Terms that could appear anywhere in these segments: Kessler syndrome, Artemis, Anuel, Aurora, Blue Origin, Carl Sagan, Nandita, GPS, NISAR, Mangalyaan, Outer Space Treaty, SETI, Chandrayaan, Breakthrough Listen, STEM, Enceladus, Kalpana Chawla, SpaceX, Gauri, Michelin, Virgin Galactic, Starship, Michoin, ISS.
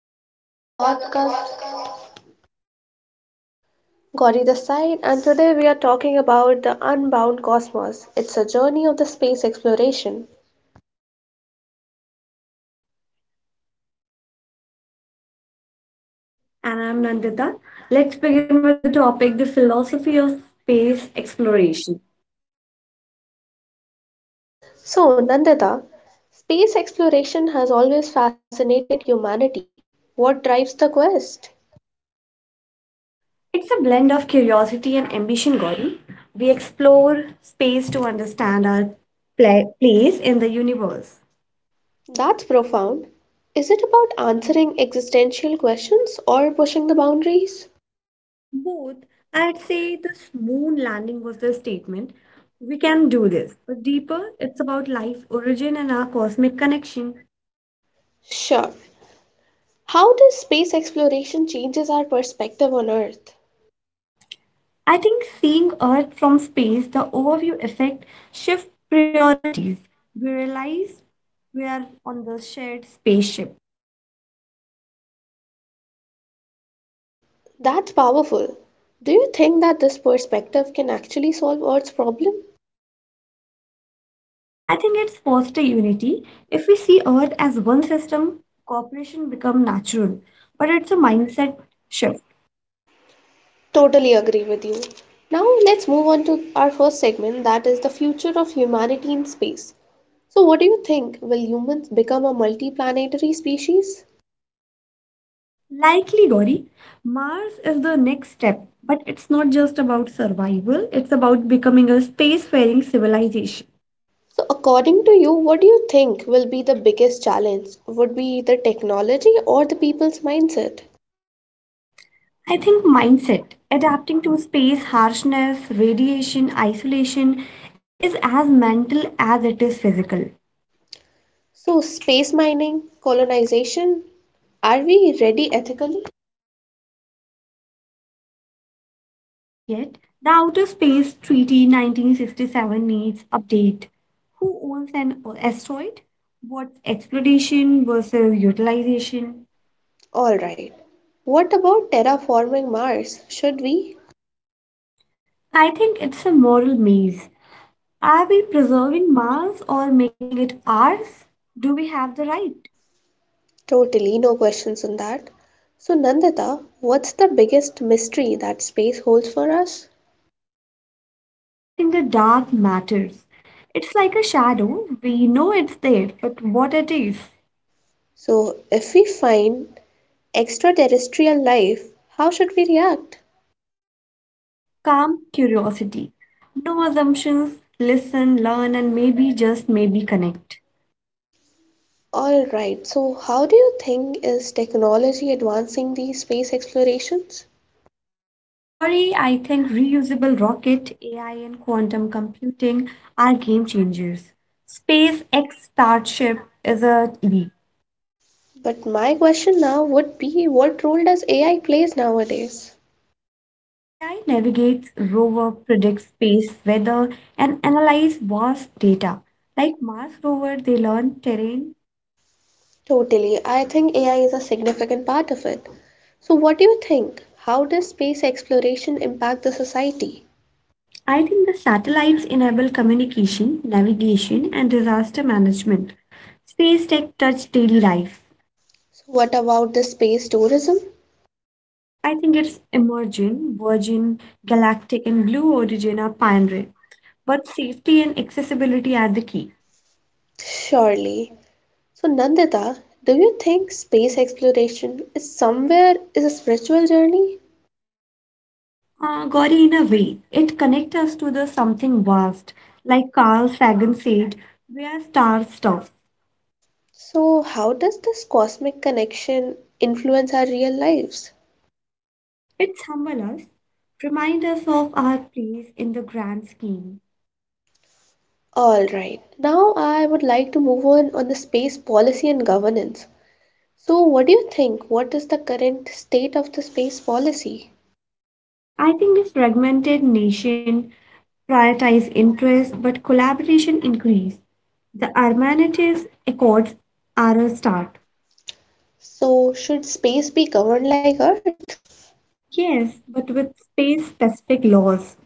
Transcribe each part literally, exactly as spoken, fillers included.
welcome back to the podcast. Gauri this side, and today we are talking about the unbound cosmos. It's a journey of the space exploration. And I'm Nandita. Let's begin with the topic the philosophy of space exploration. So, Nandita, space exploration has always fascinated humanity. What drives the quest? It's a blend of curiosity and ambition, Gauri. We explore space to understand our pla- place in the universe. That's profound. Is it about answering existential questions or pushing the boundaries? Both, I'd say this moon landing was the statement we can do this, but deeper, it's about life origin and our cosmic connection. Sure. How does space exploration changes our perspective on Earth? I think seeing Earth from space, the overview effect shift priorities. We realize we are on the shared spaceship. That's powerful. Do you think that this perspective can actually solve Earth's problem? I think it's foster unity. If we see Earth as one system, cooperation become natural. But it's a mindset shift. Totally agree with you. Now, let's move on to our first segment that is the future of humanity in space. So, what do you think? Will humans become a multi-planetary species? Likely, Gauri, Mars is the next step. But it's not just about survival, it's about becoming a spacefaring civilization. So, according to you, what do you think will be the biggest challenge? Would be the technology or the people's mindset? I think mindset, adapting to space, harshness, radiation, isolation, is as mental as it is physical. So, space mining, colonization, are we ready ethically? Not yet. The Outer Space Treaty nineteen sixty-seven needs update. Who owns an asteroid? What's exploitation versus utilization? All right. What about terraforming Mars? Should we? I think it's a moral maze. Are we preserving Mars or making it ours? Do we have the right? Totally, no questions on that. So, Nandita, what's the biggest mystery that space holds for us? I think the dark matters. It's like a shadow. We know it's there, but what it is? So, if we find extraterrestrial life, how should we react? Calm curiosity. No assumptions. Listen, learn, and maybe just maybe connect. All right, so how do you think is technology advancing these space explorations? Gauri, I think reusable rocket, A I, and quantum computing are game changers. SpaceX Starship is a leap. But my question now would be what role does A I plays nowadays? A I navigates rover, predicts space weather, and analyze vast data. Like Mars rover, they learn terrain. Totally. I think A I is a significant part of it. So, what do you think? How does space exploration impact the society? I think the satellites enable communication, navigation, and disaster management. Space tech touched daily life. So, what about the space tourism? I think it's Emergent, Virgin, Galactic, and Blue Origin are pioneering, but safety and accessibility are the key. Surely. So, Nandita, do you think space exploration is somewhere is a spiritual journey? Uh, Gauri, in a way, it connects us to the something vast, like Carl Sagan said, we are star stuff. So, how does this cosmic connection influence our real lives? It humbles us, remind us of our place in the grand scheme. All right. Now, I would like to move on on the space policy and governance. So, what do you think? What is the current state of the space policy? I think this fragmented nation prioritize interest, but collaboration increase. The Armanites Accords are a start. So, should space be governed like Earth? Yes, but with space-specific laws,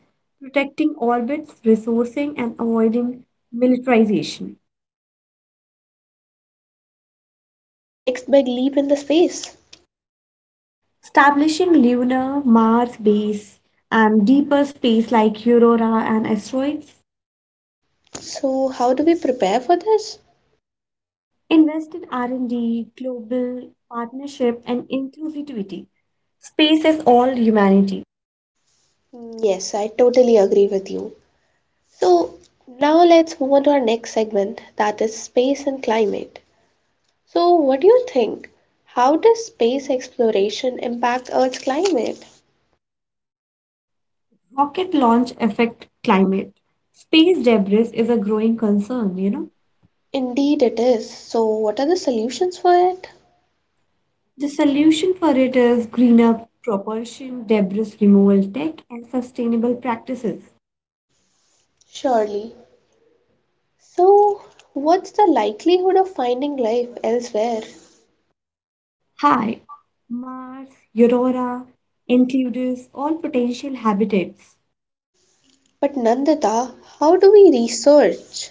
protecting orbits, resourcing, and avoiding militarization. Truly. So, what's the next big leap in the space? Establishing lunar, Mars base, and deeper space like Aurora and asteroids. So, how do we prepare for this? Invest in R and D, global partnership, and inclusivity. Space is all humanity. Yes, I totally agree with you. So, now let's move on to our next segment that is space and climate. So, what do you think? How does space exploration impact Earth's climate? Rocket launch affect climate. Space debris is a growing concern, you know. Indeed, it is. So, what are the solutions for it? The solution for it is greener propulsion, debris removal tech, and sustainable practices. Surely. So, what's the likelihood of finding life elsewhere? Hi, Mars, Aurora, Enceladus, all potential habitats. But Nandita, how do we research?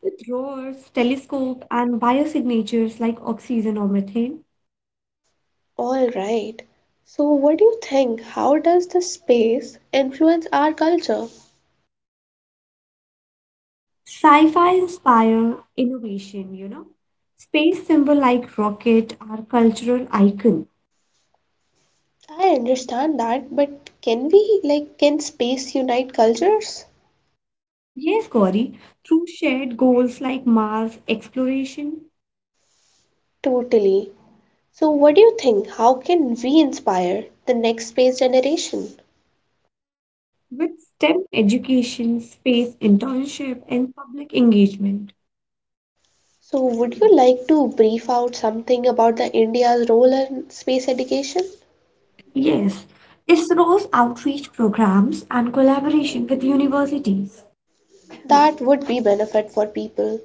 With rovers, telescope, and biosignatures like oxygen or methane, All right. So, what do you think? How does the space influence our culture? sci-fi inspire innovation, you know. Space symbol like rocket are cultural icons. I understand that, but can we, like, can space unite cultures? Yes, Gauri, through shared goals like Mars exploration, Totally. So, what do you think? How can we inspire the next space generation? with STEM education, space internship, and public engagement. So, would you like to brief out something about the India's role in space education? Yes, ISRO's outreach programs and collaboration with universities. That would be benefit for people.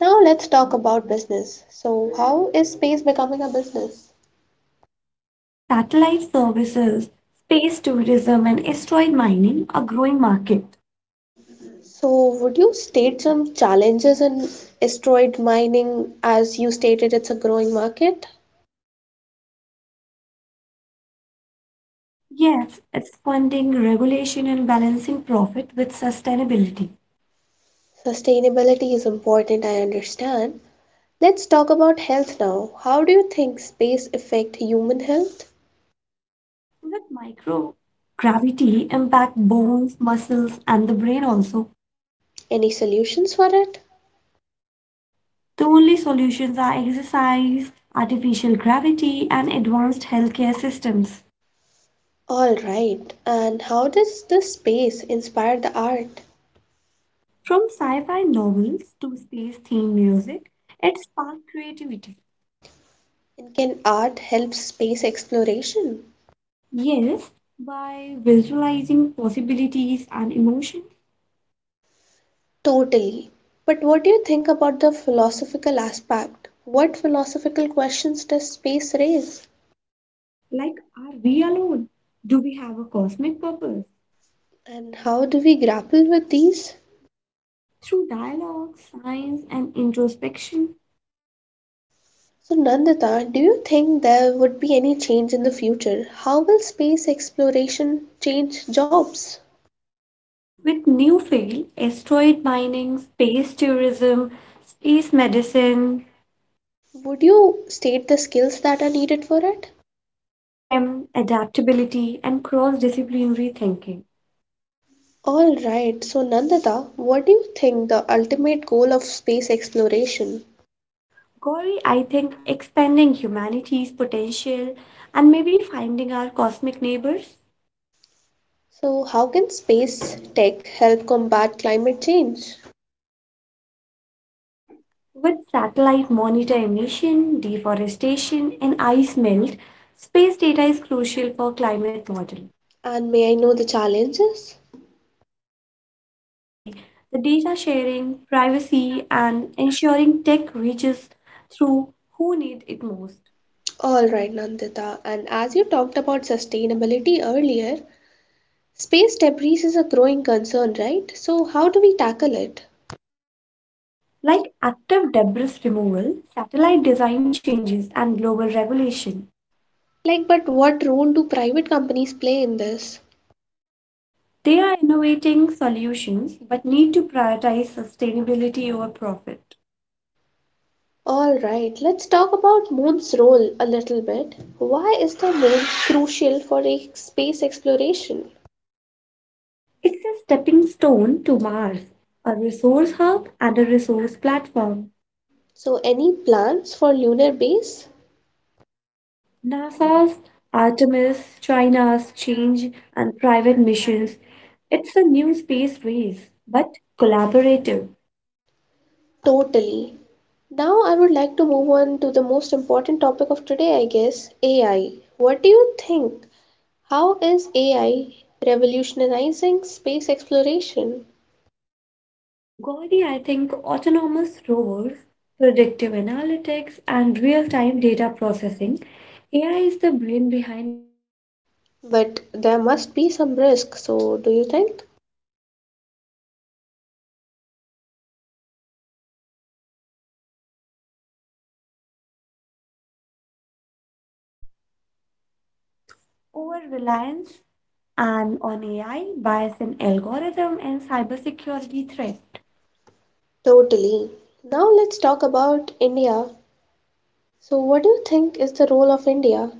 Now let's talk about business. So how is space becoming a business? The satellite services, space tourism, and asteroid mining are growing market. So would you state some challenges in asteroid mining as you stated it's a growing market? Yes, it's funding, regulation, and balancing profit with sustainability. Sustainability is important, I understand. Let's talk about health now. How do you think space affect human health? That microgravity impact bones, muscles, and the brain also. Any solutions for it? The only solutions are exercise, artificial gravity, and advanced healthcare systems. All right. And how does the space inspire the art? From sci-fi novels to space-themed music, it sparked creativity. And can art help space exploration? Yes, by visualizing possibilities and emotions, Totally. But what do you think about the philosophical aspect? What philosophical questions does space raise? like are we alone? Do we have a cosmic purpose? And how do we grapple with these? Through dialogue, science, and introspection, So, Nandita, do you think there would be any change in the future? How will space exploration change jobs? with new field, asteroid mining, space tourism, space medicine, Would you state the skills that are needed for it? STEM, adaptability, and cross-disciplinary thinking. All right, so Nandita, what do you think the ultimate goal of space exploration? Gauri, I think expanding humanity's potential and maybe finding our cosmic neighbors. So, how can space tech help combat climate change? With satellite monitor emission, deforestation, and ice melt, space data is crucial for climate model. And may I know the challenges? Yes, Gauri, the data sharing, privacy, and ensuring tech reaches through who need it most. All right, Nandita. And as you talked about sustainability earlier, space debris is a growing concern, right? So, how do we tackle it? Like active debris removal, satellite design changes, and global regulation. Like, but what role do private companies play in this? They are innovating solutions but need to prioritize sustainability over profit. All right, let's talk about moon's role a little bit. Why is the moon crucial for ex- space exploration? It's a stepping stone to Mars, a resource hub and a resource platform. So, any plans for lunar base? NASA's Artemis, China's Change, and private missions. It's a new space race, but collaborative. Totally. Now, I would like to move on to the most important topic of today, I guess A I. What do you think? How is A I revolutionizing space exploration? Gauri, I think autonomous rovers, predictive analytics, and real time data processing. A I is the brain behind mission. But there There must be must be some some risk, risk. so So, do you think? Over reliance, over reliance, and on A I bias in algorithm and cybersecurity threat. Totally. Now, let's talk about India. So, what do you think is the role of India?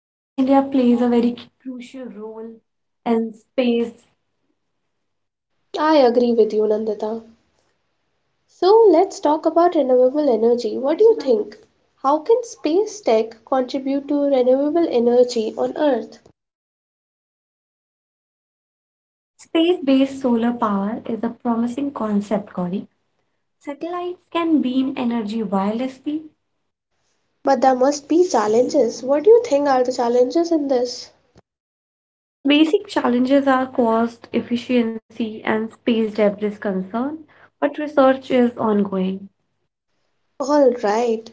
Yes, India plays a very crucial role in space. I agree with you, Nandita. So, let's talk about renewable energy. What do you think? How can space tech contribute to renewable energy on Earth? Space-based solar power is a promising concept, Gauri. Satellites can beam energy wirelessly. But there must be challenges. What do you think are the challenges in this? The basic challenges are cost, efficiency, and space debris concern, but research is ongoing. All right.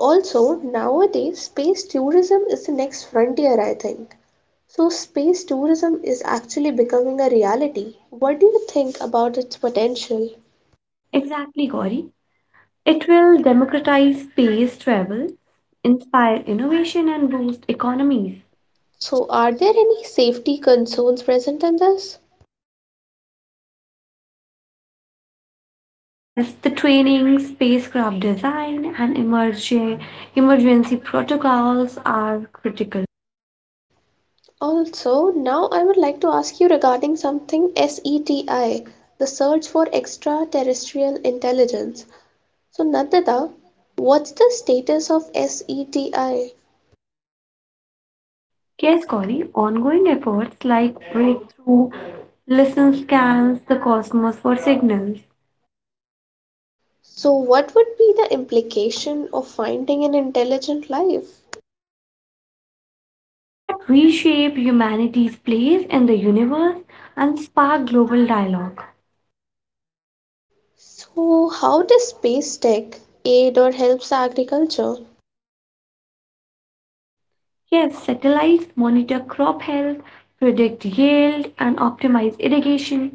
Also, nowadays, space tourism is the next frontier, I think. So, space tourism is actually becoming a reality. What do you think about its potential? Exactly, Gauri. It will democratize space travel, inspire innovation, and boost economies. So, are there any safety concerns present in this? Yes, the training, spacecraft design, and emergen- emergency protocols are critical. Also, now I would like to ask you regarding something SETI, the search for extraterrestrial intelligence. So Nandita, what's the status of SETI? Yes, Corey, ongoing efforts like breakthrough listen scans the cosmos for signals. So what would be the implication of finding an intelligent life? It had reshaped humanity's place in the universe and sparked global dialogue. So how does space tech aid or helps agriculture? Yes, satellites monitor crop health, predict yield, and optimize irrigation.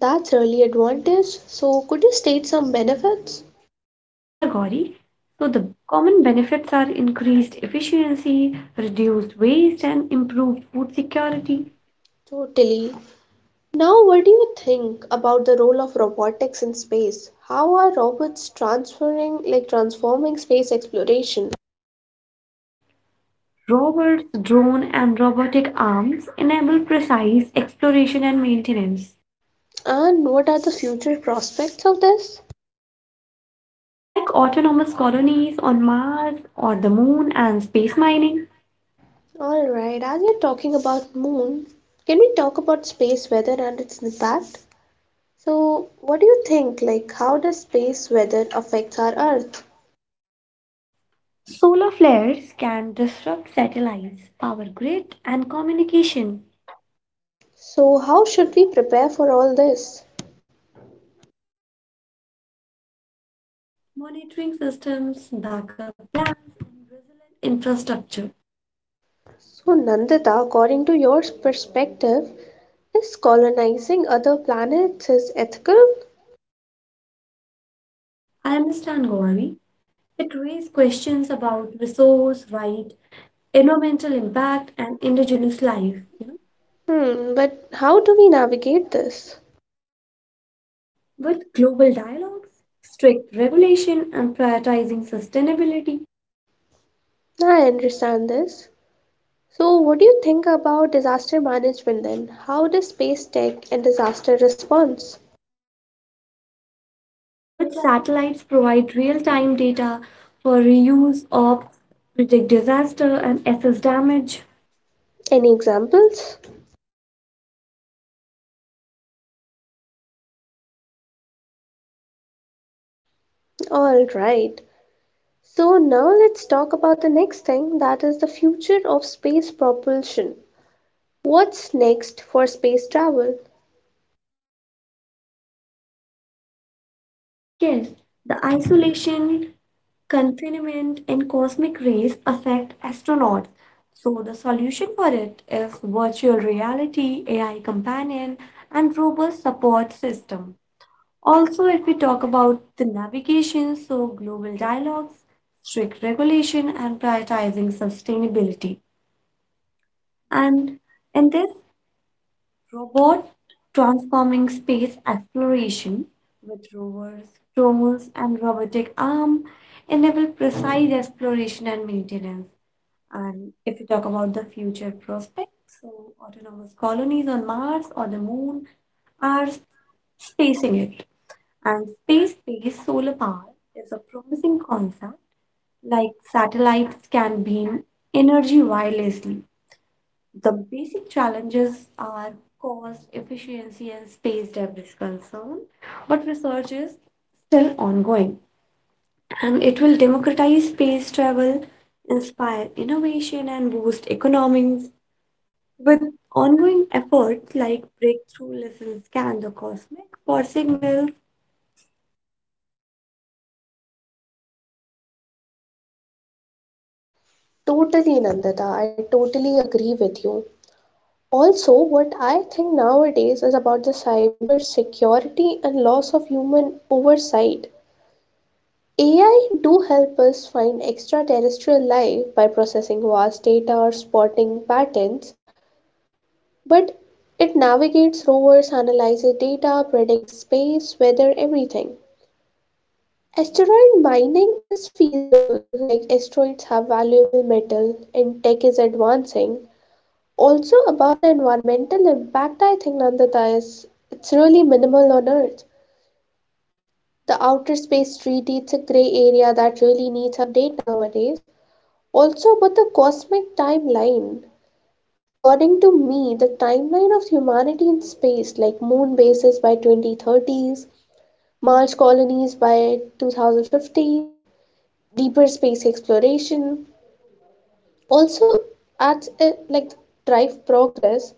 That's really advantage. So could you state some benefits? Sure, Gauri. So the common benefits are increased efficiency, reduced waste, and improved food security. Totally. Now what do you think about the role of robotics in space? How are robots transferring like transforming space exploration? Robots, drone, and robotic arms enable precise exploration and maintenance, And what are the future prospects of this? like autonomous colonies on Mars or the Moon and space mining. All right, as we are talking about moon, can we talk about space weather and its impact? So, what do you think? Like, how does space weather affect our Earth? Solar flares can disrupt satellites, power grid, and communication, So, how should we prepare for all this? monitoring systems, backup plans, and resilient infrastructure. So, Nandita, according to your perspective, is colonizing other planets is ethical? I understand, Gauri. It raised questions about resource, right, environmental impact, and indigenous life. You know, Hmm, but how do we navigate this? with global dialogues, strict regulation, and prioritizing sustainability, I understand this. So, what do you think about disaster management then? How does space tech and disaster response? with satellites provide real-time data for reuse, or predict disaster, and assess damage. Any examples? Yes, like tsunami warning, flood mapping, and wildfire tracking. All right. So now let's talk about the next thing that is the future of space propulsion. What's next for space travel? Yes, the isolation confinement and cosmic rays affect astronauts. So, the solution for it is virtual reality, A I companion, and robust support system. Also, if we talk about the navigation, so global dialogues, strict regulation, and prioritizing sustainability. And in this robot transforming space exploration with rovers, drones, and robotic arm enable precise exploration and maintenance. And if you talk about the future prospects, so autonomous colonies on Mars or the Moon are spacing it. And space-based solar power is a promising concept, like satellites can beam energy wirelessly, the basic challenges are cost, efficiency, and space debris concern, but research is still ongoing and it will democratize space travel, inspire innovation, and boost economies. With ongoing efforts like breakthrough lessons scan the cosmic for signals. Totally, Nandita. I totally agree with you. Also, what I think nowadays is about the cyber security and loss of human oversight. A I do help us find extraterrestrial life by processing vast data or spotting patterns. But it navigates rovers, analyzes data, predicts space, weather, everything. Asteroid mining is feasible, like asteroids have valuable metal and tech is advancing. Also, about the environmental impact, I think Nandita is it's really minimal on Earth. The outer space treaty, it's a gray area that really needs update nowadays. Also, about the cosmic timeline, according to me, the timeline of humanity in space, like moon bases by twenty thirties, Mars colonies by twenty fifties, deeper space exploration, also adds a, like, drive progress,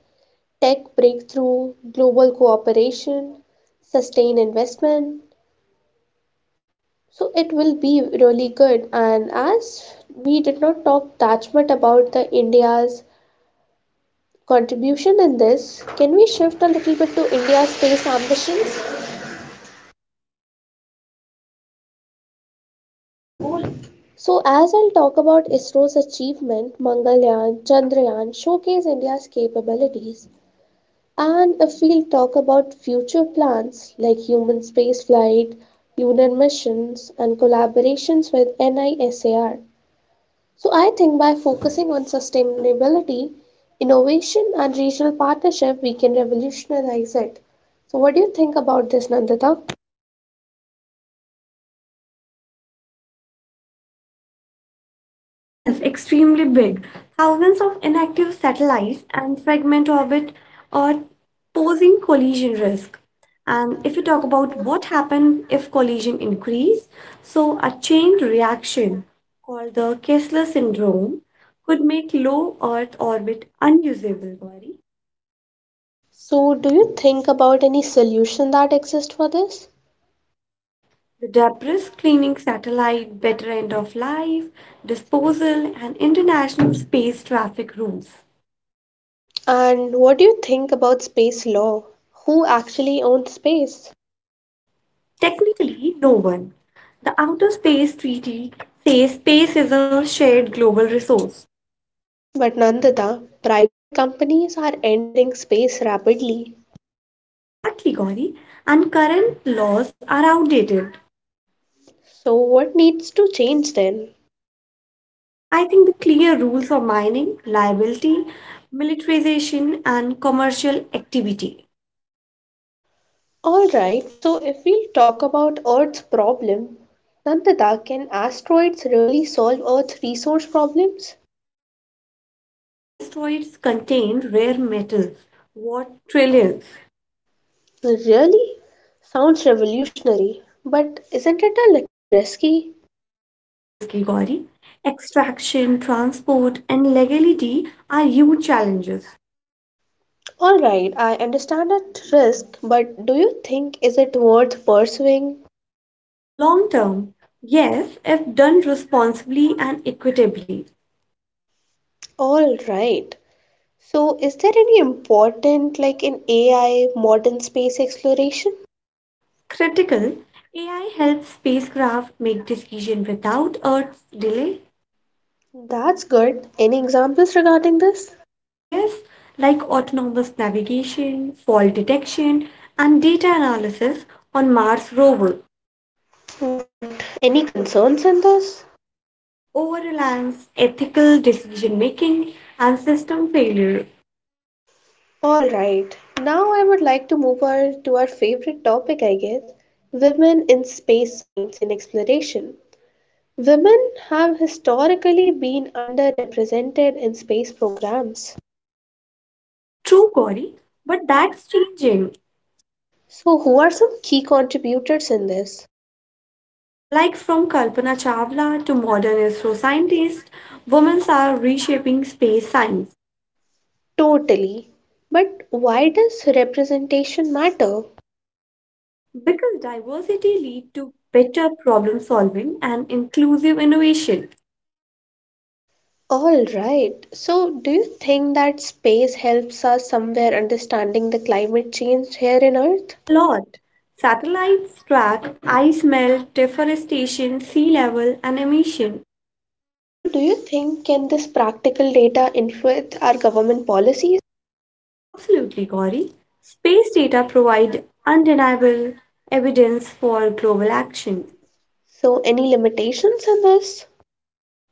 tech breakthrough, global cooperation, sustain investment. So it will be really good. And as we did not talk that much about the India's contribution in this, can we shift a little bit to India's space ambitions? So, as I'll talk about ISRO's achievement, Mangalyaan, Chandrayaan showcase India's capabilities. And if we'll talk about future plans like human spaceflight, lunar missions, and collaborations with NISAR. So, I think by focusing on sustainability, innovation, and regional partnership, we can revolutionize it. So, what do you think about this, Nandita? Yes, extremely big. Thousands of inactive satellites and fragment orbit are posing collision risk. And Um, if you If talk you talk about about- what happen if collision increase, so a chain reaction called the Kessler syndrome could make low Earth orbit unusable body. so, do you think about any solution that exist for this? Yes, the debris cleaning satellite, better end of life, disposal, and international space traffic rules. And what do you think about space law? Who actually owns space? Technically, no one. The Outer Space Treaty says space is a shared global resource. But Nandita, private companies are entering space rapidly. Exactly, Gauri. And current laws are outdated. So, what needs to change then? I think the clear rules for mining, liability, militarization, and commercial activity. Alright, so if we talk about Earth's problem, Nandita, can asteroids really solve Earth's resource problems? Some asteroids contain rare metals worth trillions. Really? Sounds revolutionary, but isn't it a little risky? Very risky, Gauri. Extraction, transport, and legality are huge challenges. All right, I understand that risk, but do you think is it worth pursuing? Long term, yes, if done responsibly and equitably. All right. So, is there any important like in A I modern space exploration? Critical, A I helps spacecraft make decisions without Earth's delay. That's good. Any examples regarding this? Yes, like autonomous navigation, fault detection, and data analysis on Mars rover. But any concerns in this? Over reliance, ethical decision making, and system failure. All right. Now I would like to move over to our favorite topic, I guess, women in space science and exploration. Women have historically been underrepresented in space programs. True, Gauri, but that's changing. So, who are some key contributors in this? Like from Kalpana Chawla to modern astroscientists, women are reshaping space science Totally. But why does representation matter? because diversity leads to better problem solving and inclusive innovation. All right. So, do you think that space helps us somewhere understanding the climate change here in Earth? A lot. Satellites track ice melt, deforestation, sea level, and emission. So, do you think can this practical data influence our government policies? Absolutely, Gauri. Space data provide undeniable evidence for global action. So, any limitations in this?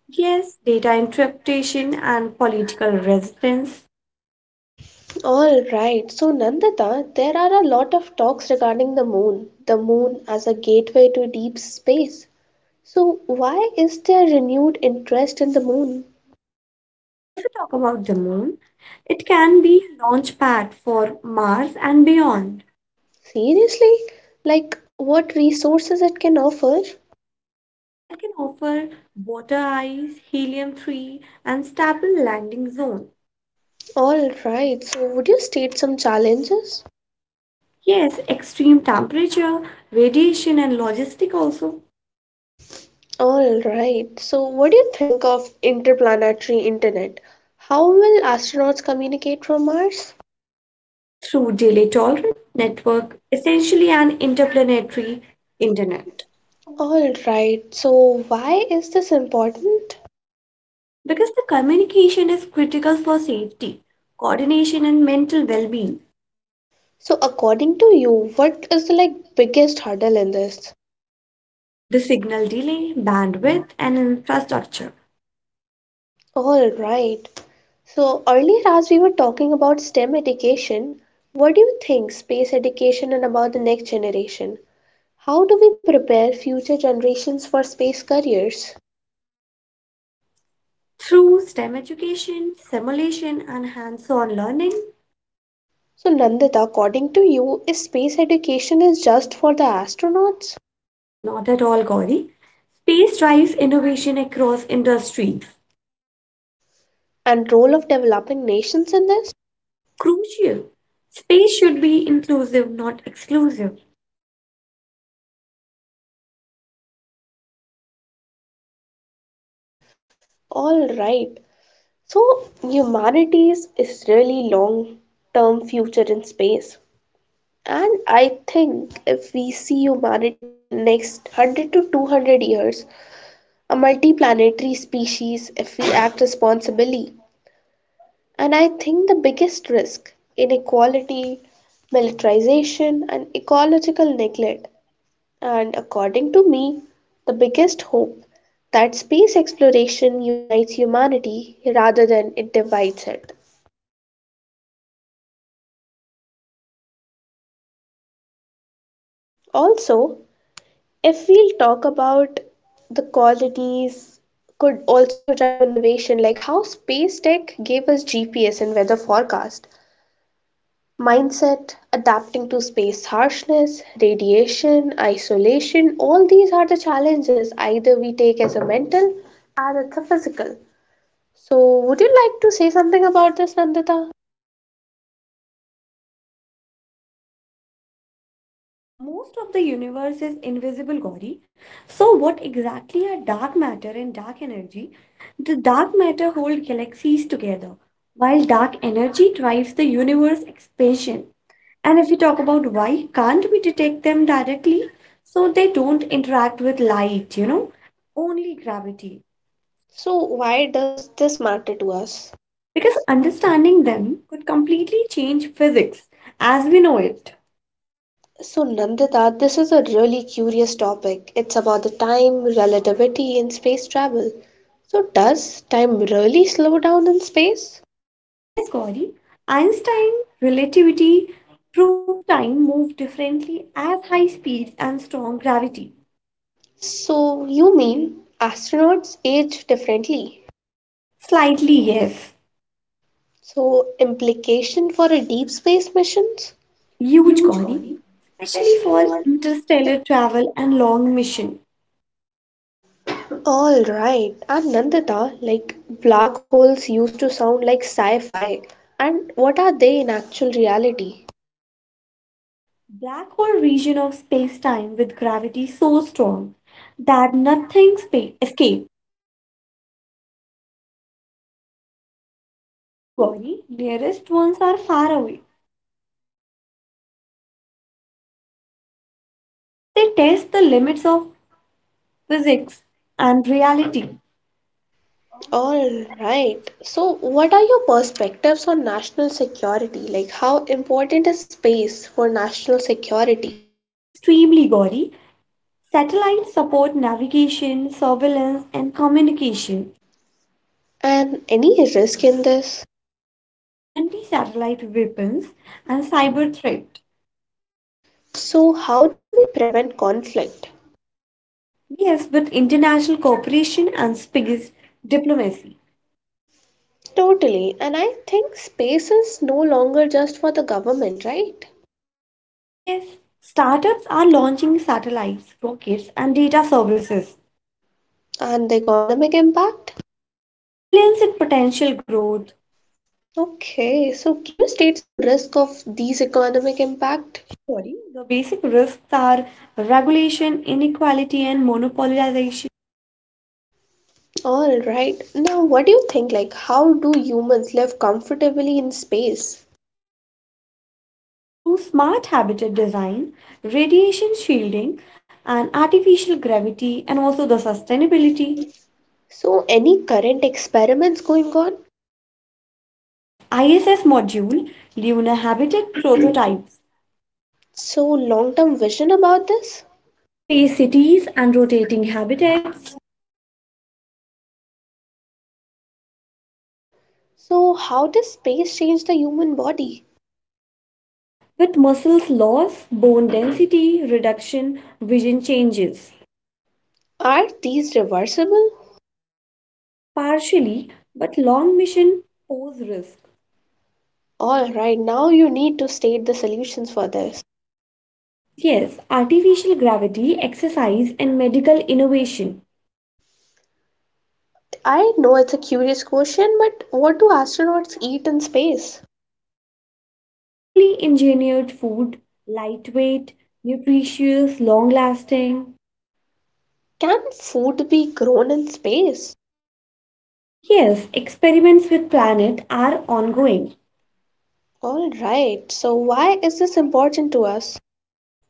Yes, data interpretation and political resistance. All right. So, Nandita, there are a lot of talks regarding the moon, the moon as a gateway to deep space. So, why is there renewed interest in the moon? If we talk about the moon, it can be a launch pad for Mars and beyond. Seriously? Like, what resources it can offer? It can offer water ice, helium three, and stable landing zone. Alright, so would you state some challenges? Yes, extreme temperature, radiation, and logistic also. Alright, so what do you think of interplanetary internet? How will astronauts communicate from Mars? Through delay tolerant network, essentially an interplanetary internet. Alright, so why is this important? Because the communication is critical for safety, coordination, and mental well-being. So, according to you, what is the like biggest hurdle in this? The signal delay, bandwidth, and infrastructure. All right. So, earlier, as we were talking about STEM education, what do you think space education and about the next generation? How do we prepare future generations for space careers? Through STEM education, simulation, and hands on learning? So, Nandita, according to you, is space education is just for the astronauts No, not at all, Gauri. Space drives innovation across industries. and role of developing nations in this? Crucial. Space should be inclusive, not exclusive. All right. So, humanities is really long term future in space. And I think if we see humanity in next one hundred to two hundred years, a multiplanetary species if we act responsibly. And I think the biggest risk inequality, militarization, and ecological neglect. And according to me, the biggest hope that space exploration unites humanity rather than it divides it. Also, if we'll talk about the colonies could also drive innovation like how space tech gave us G P S and weather forecast mindset, adapting to space harshness, radiation, isolation, all these are the challenges either we take as a mental or as a physical. So, would you like to say something about this, Nandita? Most of the universe is invisible, Gauri. So, what exactly are dark matter and dark energy? The dark matter hold galaxies together, while dark energy drives the universe expansion. And if we talk about why can't we detect them directly, so they don't interact with light, you know, only gravity. So, why does this matter to us? Because understanding them could completely change physics as we know it. So, Nandita, this is a really curious topic. It's about the time, relativity, and space travel. So, does time really slow down in space? Yes, Gauri, Einstein relativity proved time moved differently as high speeds and strong gravity. So, you mean astronauts age differently? Slightly, yes. So, implication for a deep space missions? Huge, Huge, Gauri, Gauri. especially Especially for for interstellar travel and long mission. All right, and Nandita, like black holes used to sound like sci-fi, and what are they in actual reality? Black hole region of space-time with gravity so strong that nothing spa- escape. So, are they really dangerous to Earth? No, No Gauri. Gauri, nearest ones are far away So, why do we need to study them? because they test the limits of physics and reality. All right. So, what are your perspectives on national security? Like, how important is space for national security? Extremely, Gauri, satellites support navigation, surveillance, and communication, And any risk in this? anti-satellite weapons, and cyber threat. So, how do we prevent conflict? Yes, with international cooperation and space diplomacy. Totally. And I think space is no longer just for the government, right? Yes, startups are launching satellites, rockets, and data services. And the economic impact? Trillions in potential growth. Okay, so can you state some risk of these economic impact? Sure, Gauri, the basic risks are regulation, inequality, and monopolization. All right. Now, what do you think? Like, how do humans live comfortably in space? Through smart habitat design, radiation shielding, and artificial gravity, and also the sustainability. So, any current experiments going on? Yes, I S S module, lunar habitat prototypes, So, long term vision about this? space cities, and rotating habitats. So, how does space change the human body? With muscles loss, bone density reduction, vision changes. Are these reversible? Partially, but long mission pose risk. All right, now you need to state the solutions for this. Yes, artificial gravity, exercise, and medical innovation. I know it's a curious question, but what do astronauts eat in space? Carefully engineered food, lightweight, nutritious, long lasting. Can food be grown in space? Yes, experiments with planet are ongoing All right, so why is this important to us?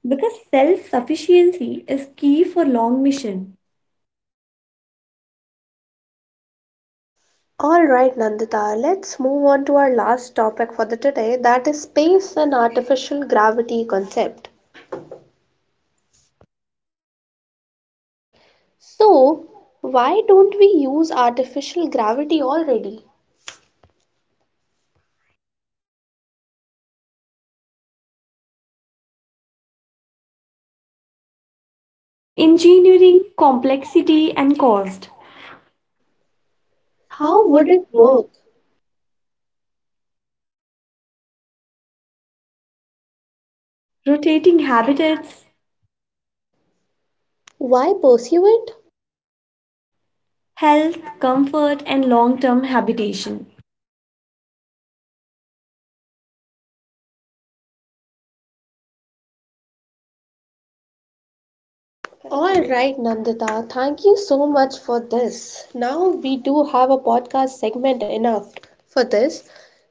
because self sufficiency is key for long mission. All right, Nandita, let's move on to our last topic for the today that is space and artificial gravity concept. Okay. So, why don't we use artificial gravity already? Engineering complexity and cost. How How would would it it work? work? Rotating habitats, Why pursue it? health, comfort, and long term habitation. All right, Nandita, thank you so much for this. Now we do have a podcast segment enough for this.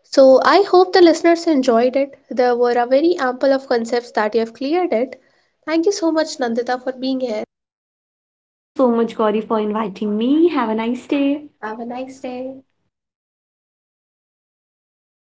So I hope the listeners enjoyed it. There were a very ample of concepts that you have cleared it. Thank you so much, Nandita, for being here. Thank you so much, Gauri, for inviting me. Have a nice day. Have Have a a nice nice day. day.